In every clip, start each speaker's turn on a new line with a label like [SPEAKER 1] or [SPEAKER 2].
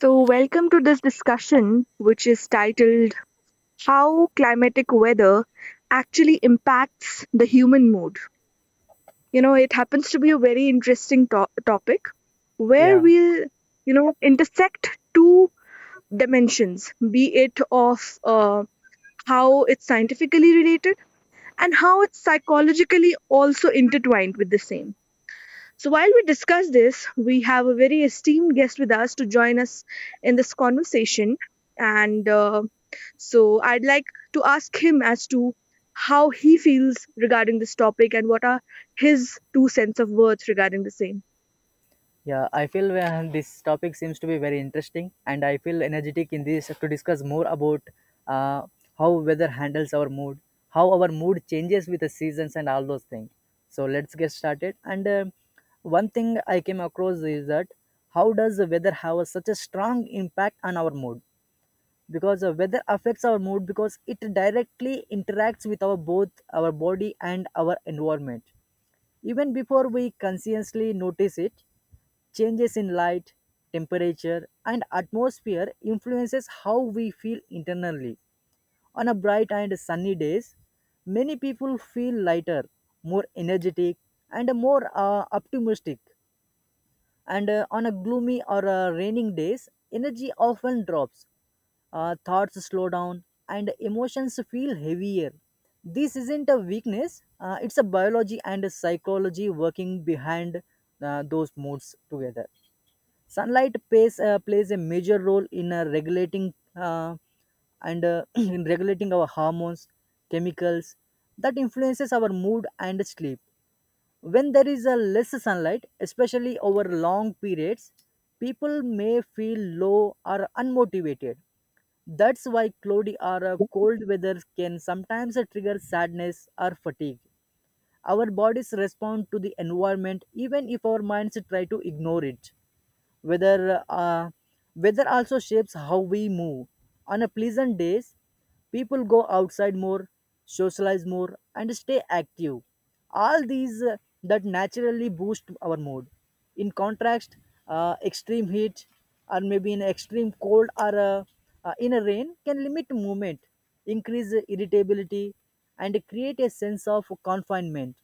[SPEAKER 1] So, welcome to this discussion, which is titled How Climatic Weather Actually Impacts the Human Mood. You know, it happens to be a very interesting topic where
[SPEAKER 2] Yeah,
[SPEAKER 1] we'll intersect two dimensions be it of how it's scientifically related and how it's psychologically also intertwined with the same. So, while we discuss this, we have a very esteemed guest with us to join us in this conversation. And so, I'd like to ask him as to how he feels regarding this topic and what are his two cents of words regarding the same.
[SPEAKER 2] yeah. I feel this topic seems to be very interesting, and I feel energetic in this to discuss more about uh, how weather handles our mood, how our mood changes with the seasons, and all those things. So let's get started. And one thing I came across is that how does the weather have a, such a strong impact on our mood? Because the weather affects our mood because it directly interacts with our both our body and our environment. Even before we consciously notice it, changes in light, temperature, and atmosphere influences how we feel internally. On a bright and sunny days, many people feel lighter, more energetic, and more optimistic, and on a gloomy or raining days energy often drops, thoughts slow down and emotions feel heavier. This isn't a weakness, it's a biology and a psychology working behind those moods together. Sunlight plays a major role in regulating, and in regulating our hormones, chemicals that influences our mood and sleep. When there is a less sunlight, especially over long periods, people may feel low or unmotivated. That's why cloudy or cold weather can sometimes trigger sadness or fatigue. Our bodies respond to the environment even if our minds try to ignore it. Weather, uh, weather also shapes how we move. On a pleasant days, people go outside more, socialize more, and stay active. All these that naturally boost our mood. In contrast, extreme heat or maybe in extreme cold or in a rain can limit movement, increase irritability, and create a sense of confinement.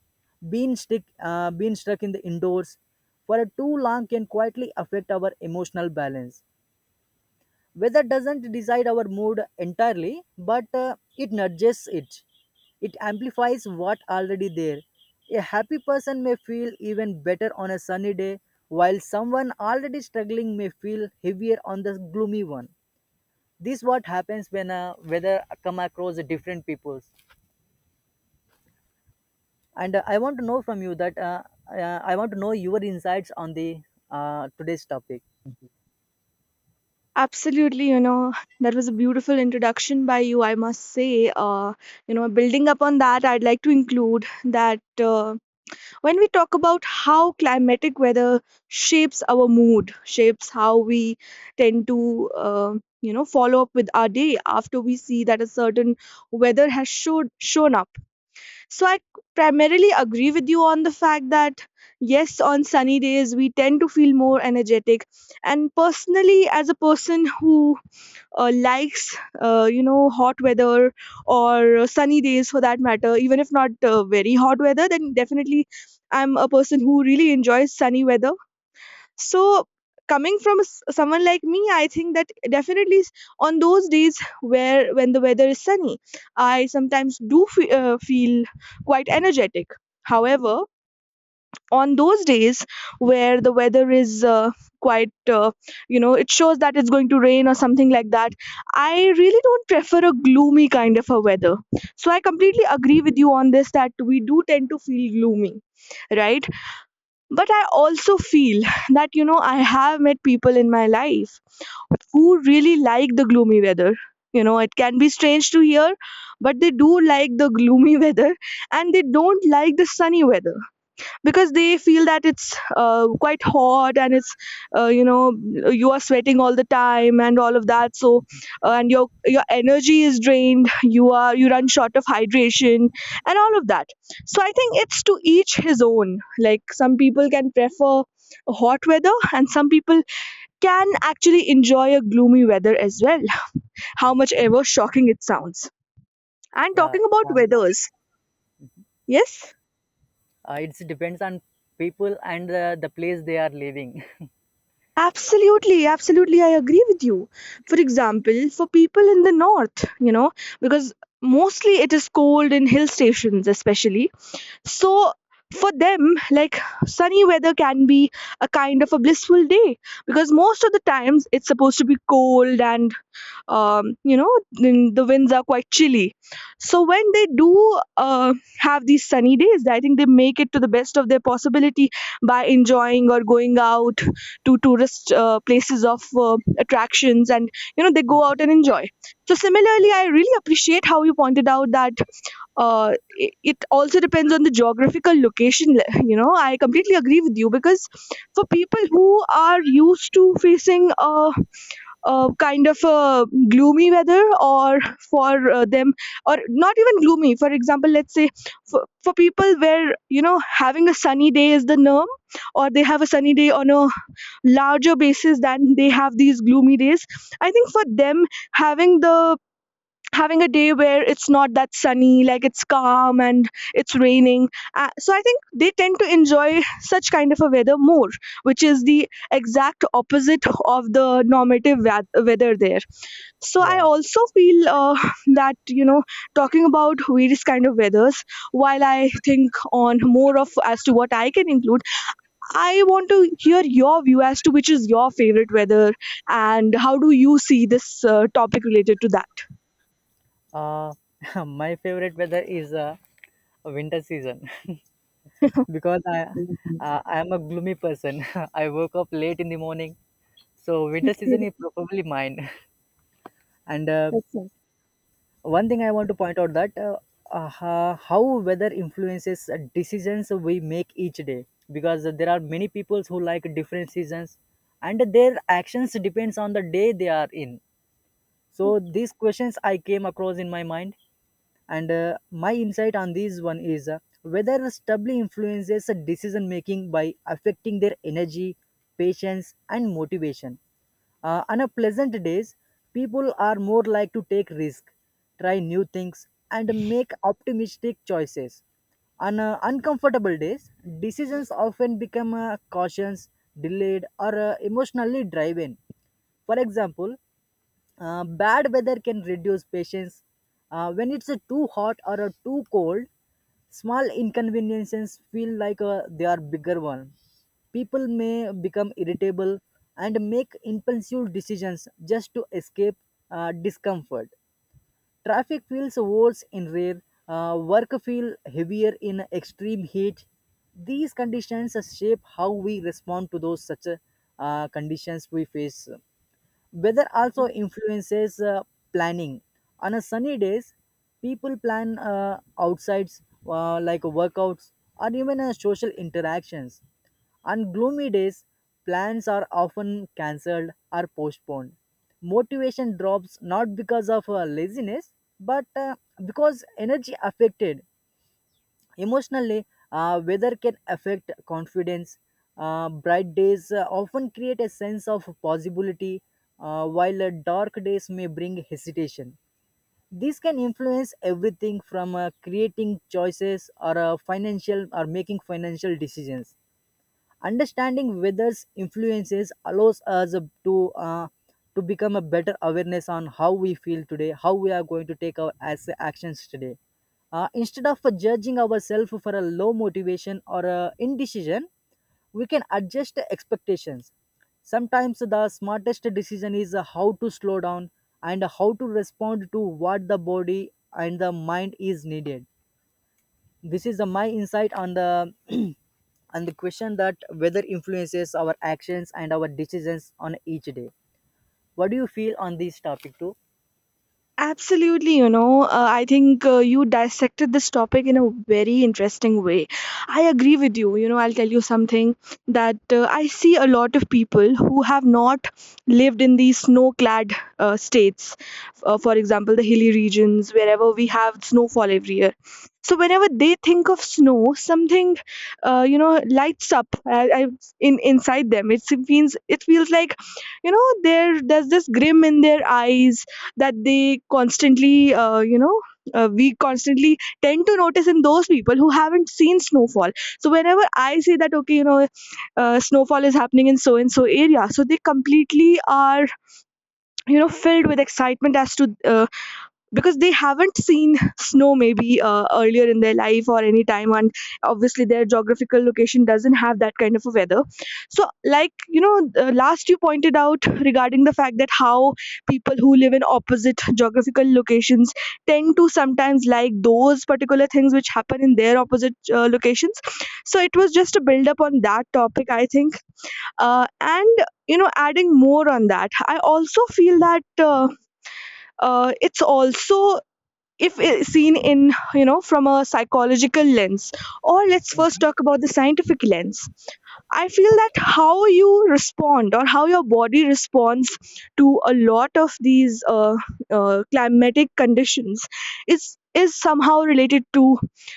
[SPEAKER 2] Being stuck in the indoors for a too long can quietly affect our emotional balance. Weather doesn't decide our mood entirely, but it nudges it. It amplifies what already there. A happy person may feel even better on a sunny day, while someone already struggling may feel heavier on the gloomy one. This what happens when weather come across different peoples. And I want to know from you that I want to know your insights on the today's topic.
[SPEAKER 1] Absolutely, you know, that was a beautiful introduction by you, I must say. You know, building up on that, I'd like to include that. When we talk about how climatic weather shapes our mood shapes how we tend to follow up with our day after we see that a certain weather has showed shown up. So I primarily agree with you on the fact that yes, on sunny days we tend to feel more energetic, and personally as a person who likes hot weather or sunny days for that matter, even if not very hot weather, then definitely I'm a person who really enjoys sunny weather. So coming from someone like me, I think that definitely on those days where when the weather is sunny, I sometimes do feel quite energetic. However, on those days where the weather is quite you know, it shows that it's going to rain or something like that, I really don't prefer a gloomy kind of a weather. So I completely agree with you on this, that we do tend to feel gloomy, right? But I also feel that you know, I have met people in my life who really like the gloomy weather. You know, it can be strange to hear, but they do like the gloomy weather and they don't like the sunny weather because they feel that it's quite hot and it's uh, you know you are sweating all the time and all of that. So and your energy is drained, you are, you run short of hydration and all of that. So I think it's to each his own. Like, some people can prefer hot weather and some people can actually enjoy a gloomy weather as well, how much ever shocking it sounds. And
[SPEAKER 2] Yeah,
[SPEAKER 1] talking
[SPEAKER 2] uh,
[SPEAKER 1] about weathers, yes.
[SPEAKER 2] it depends on people and the place they are living.
[SPEAKER 1] Absolutely, absolutely, I agree with you. For example, for people in the north, you know, because mostly it is cold in hill stations, especially. So, for them, like sunny weather can be a kind of a blissful day because most of the times it's supposed to be cold and you know, the winds are quite chilly. So when they do have these sunny days, I think they make it to the best of their possibility by enjoying or going out to tourist places of attractions, and you know, they go out and enjoy. So similarly, I really appreciate how you pointed out that uh, it also depends on the geographical location. You know, I completely agree with you, because for people who are used to facing a kind of a gloomy weather, or for them, or not even gloomy, for example, let's say for people where you know, having a sunny day is the norm, or they have a sunny day on a larger basis than they have these gloomy days, I think for them, having the having a day where it's not that sunny, like it's calm and it's raining, so I think they tend to enjoy such kind of a weather more, which is the exact opposite of the normative weather there. So I
[SPEAKER 2] Yeah,
[SPEAKER 1] also feel that you know, talking about various kind of weathers, while I think on more of as to what I can include, I want to hear your view as to which is your favorite weather and how do you see this topic related to that.
[SPEAKER 2] uh, my favorite weather is winter season. Because I am a gloomy person. I woke up late in the morning, so winter season
[SPEAKER 1] Okay.
[SPEAKER 2] is probably mine. And
[SPEAKER 1] That's it.
[SPEAKER 2] one thing I want to point out that how weather influences decisions we make each day, because there are many people who like different seasons and their actions depends on the day they are in. So these questions I came across in my mind. And my insight on this one is whether stubbly influences a decision making by affecting their energy, patience and motivation. On a pleasant days, people are more like to take risk, try new things and make optimistic choices. On uncomfortable days, decisions often become cautious, delayed or emotionally driven. For example, bad weather can reduce patience. When it's a too hot or a too cold, small inconveniences feel like they are bigger one. People may become irritable and make impulsive decisions just to escape discomfort. Traffic feels worse in rain. Work feel heavier in extreme heat. These conditions shape how we respond to those such conditions we face. Weather also influences planning. On a sunny days, people plan outsides like workouts or even social interactions. On gloomy days, plans are often cancelled or postponed. Motivation drops not because of laziness, but because energy affected. Emotionally, weather can affect confidence. Bright days often create a sense of possibility, while dark days may bring hesitation. This can influence everything from creating choices or financial or making financial decisions. Understanding weather's influences allows us to become a better awareness on how we feel today, how we are going to take our as actions today. Instead of judging ourselves for a low motivation or a indecision, we can adjust the expectations. Sometimes the smartest decision is how to slow down and how to respond to what the body and the mind is needed. This is the my insight on the on the question that weather influences our actions and our decisions on each day. What do you feel on this topic too?
[SPEAKER 1] Absolutely, you know, I think you dissected this topic in a very interesting way. I agree with you. You know, I'll tell you something that I see a lot of people who have not lived in these snow clad states, for example, the hilly regions, wherever we have snowfall every year. So, whenever they think of snow, something, you know, lights up I, in inside them. It feels like, you know, there's this grim in their eyes that they constantly we constantly tend to notice in those people who haven't seen snowfall. So whenever I say that, okay, you know, snowfall is happening in so and so area, so they completely are, you know, filled with excitement as to because they haven't seen snow maybe earlier in their life or any time, and obviously their geographical location doesn't have that kind of a weather. So like you know, last you pointed out regarding the fact that how people who live in opposite geographical locations tend to sometimes like those particular things which happen in their opposite locations. So it was just a build up on that topic, I think. And you know, adding more on that, I also feel that it's also, if I- seen in, you know, from a psychological lens, or let's first talk about the scientific lens. I feel that how you respond or how your body responds to a lot of these climatic conditions is somehow related to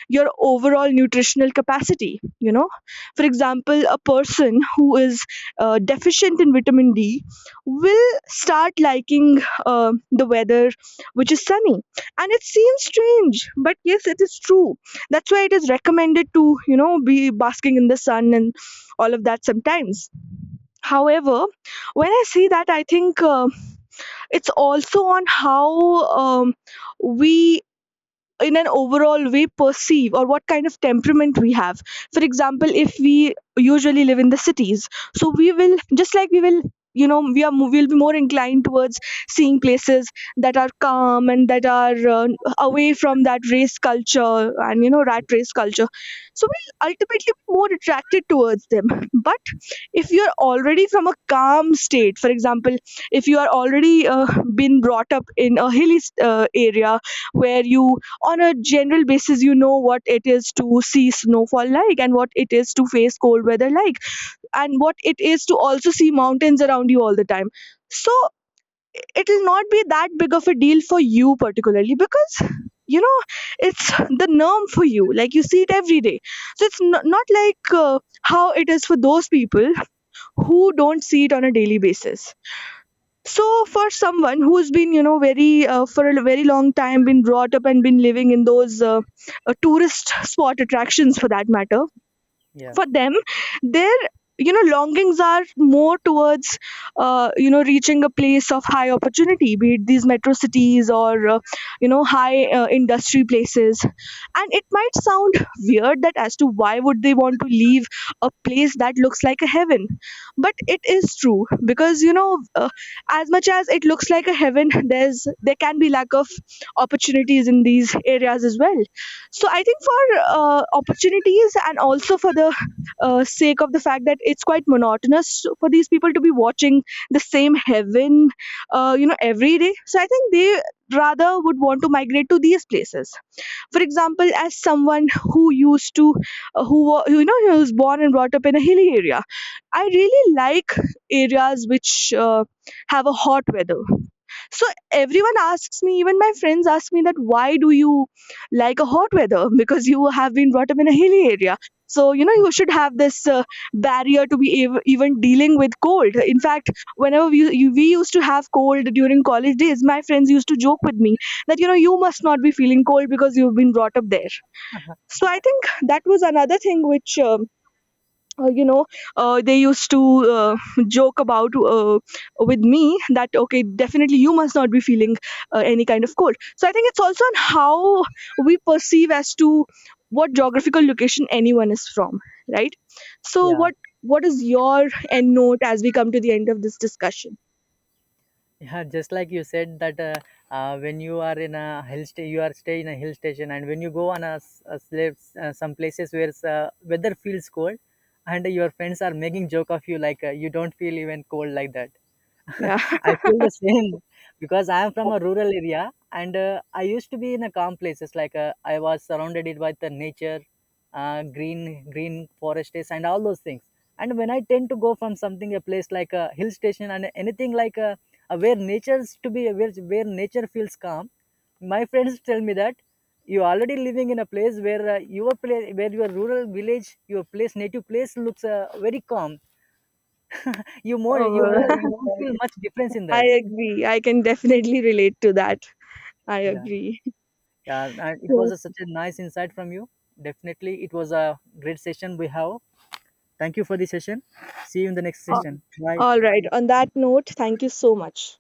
[SPEAKER 1] your overall nutritional capacity. You know, for example, a person who is deficient in vitamin D will start liking the weather which is sunny, and it seems strange, but yes, it is true. That's why it is recommended to, you know, be basking in the sun and all of that sometimes. However, when I see that, I think it's also on how we, in an overall way, perceive or what kind of temperament we have. For example, if we usually live in the cities, so we will, just like we will. You know, we are we'll be more inclined towards seeing places that are calm and that are away from that race culture and you know, rat race culture. So we'll ultimately be more attracted towards them. But if you are already from a calm state, for example, if you are already been brought up in a hilly area where you, on a general basis, you know what it is to see snowfall like, and what it is to face cold weather like, and what it is to also see mountains around you all the time. So it will not be that big of a deal for you particularly, because you know, it's the norm for you, like you see it every day. So it's not like how it is for those people who don't see it on a daily basis. So for someone who's been, you know, very for a very long time been brought up and been living in those tourist spot attractions for that matter,
[SPEAKER 2] yeah
[SPEAKER 1] for them, their, you know, longings are more towards you know, reaching a place of high opportunity, be it these metro cities or you know, high industry places. And it might sound weird that as to why would they want to leave a place that looks like a heaven, but it is true, because you know, as much as it looks like a heaven, there's there can be lack of opportunities in these areas as well. So I think for opportunities and also for the sake of the fact that it's quite monotonous for these people to be watching the same heaven, you know, every day. So I think they rather would want to migrate to these places. For example, as someone who used to, you know, who was born and brought up in a hilly area, I really like areas which have a hot weather. So everyone asks me, even my friends ask me, that why do you like a hot weather? Because you have been brought up in a hilly area. So, you know, you should have this barrier to be even dealing with cold. In fact, whenever we used to have cold during college days, my friends used to joke with me that, you know, you must not be feeling cold because you've been brought up there. So I think that was another thing which uh, you know they used to uh, joke about with me that okay, definitely you must not be feeling any kind of cold. So I think it's also on how we perceive as to what geographical location anyone is from, right? So
[SPEAKER 2] yeah
[SPEAKER 1] what is your end note as we come to the end of this discussion?
[SPEAKER 2] Yeah, just like you said that when you are in a hill you are stay in a hill station, and when you go on a, a slave, some places where weather feels cold, and your friends are making joke of you like you don't feel even cold like that.
[SPEAKER 1] Yeah.
[SPEAKER 2] I feel the same because I am from a rural area, and I used to be in a calm places like I was surrounded it by the nature, green forests and all those things. And when I tend to go from something a place like a hill station and anything like a where nature's to be where nature feels calm, my friends tell me that you already living in a place where your place where your rural village your place native place looks very calm. You more
[SPEAKER 1] Oh,
[SPEAKER 2] you won't feel much difference in
[SPEAKER 1] I
[SPEAKER 2] that.
[SPEAKER 1] agree, I can definitely relate to that. I
[SPEAKER 2] Yeah,
[SPEAKER 1] agree.
[SPEAKER 2] yeah. And it was
[SPEAKER 1] So,
[SPEAKER 2] a, such a nice insight from you. Definitely it was a great session we have. Thank you for the session. See you in the next
[SPEAKER 1] uh,
[SPEAKER 2] session. Bye.
[SPEAKER 1] all right, on that note, thank you so much.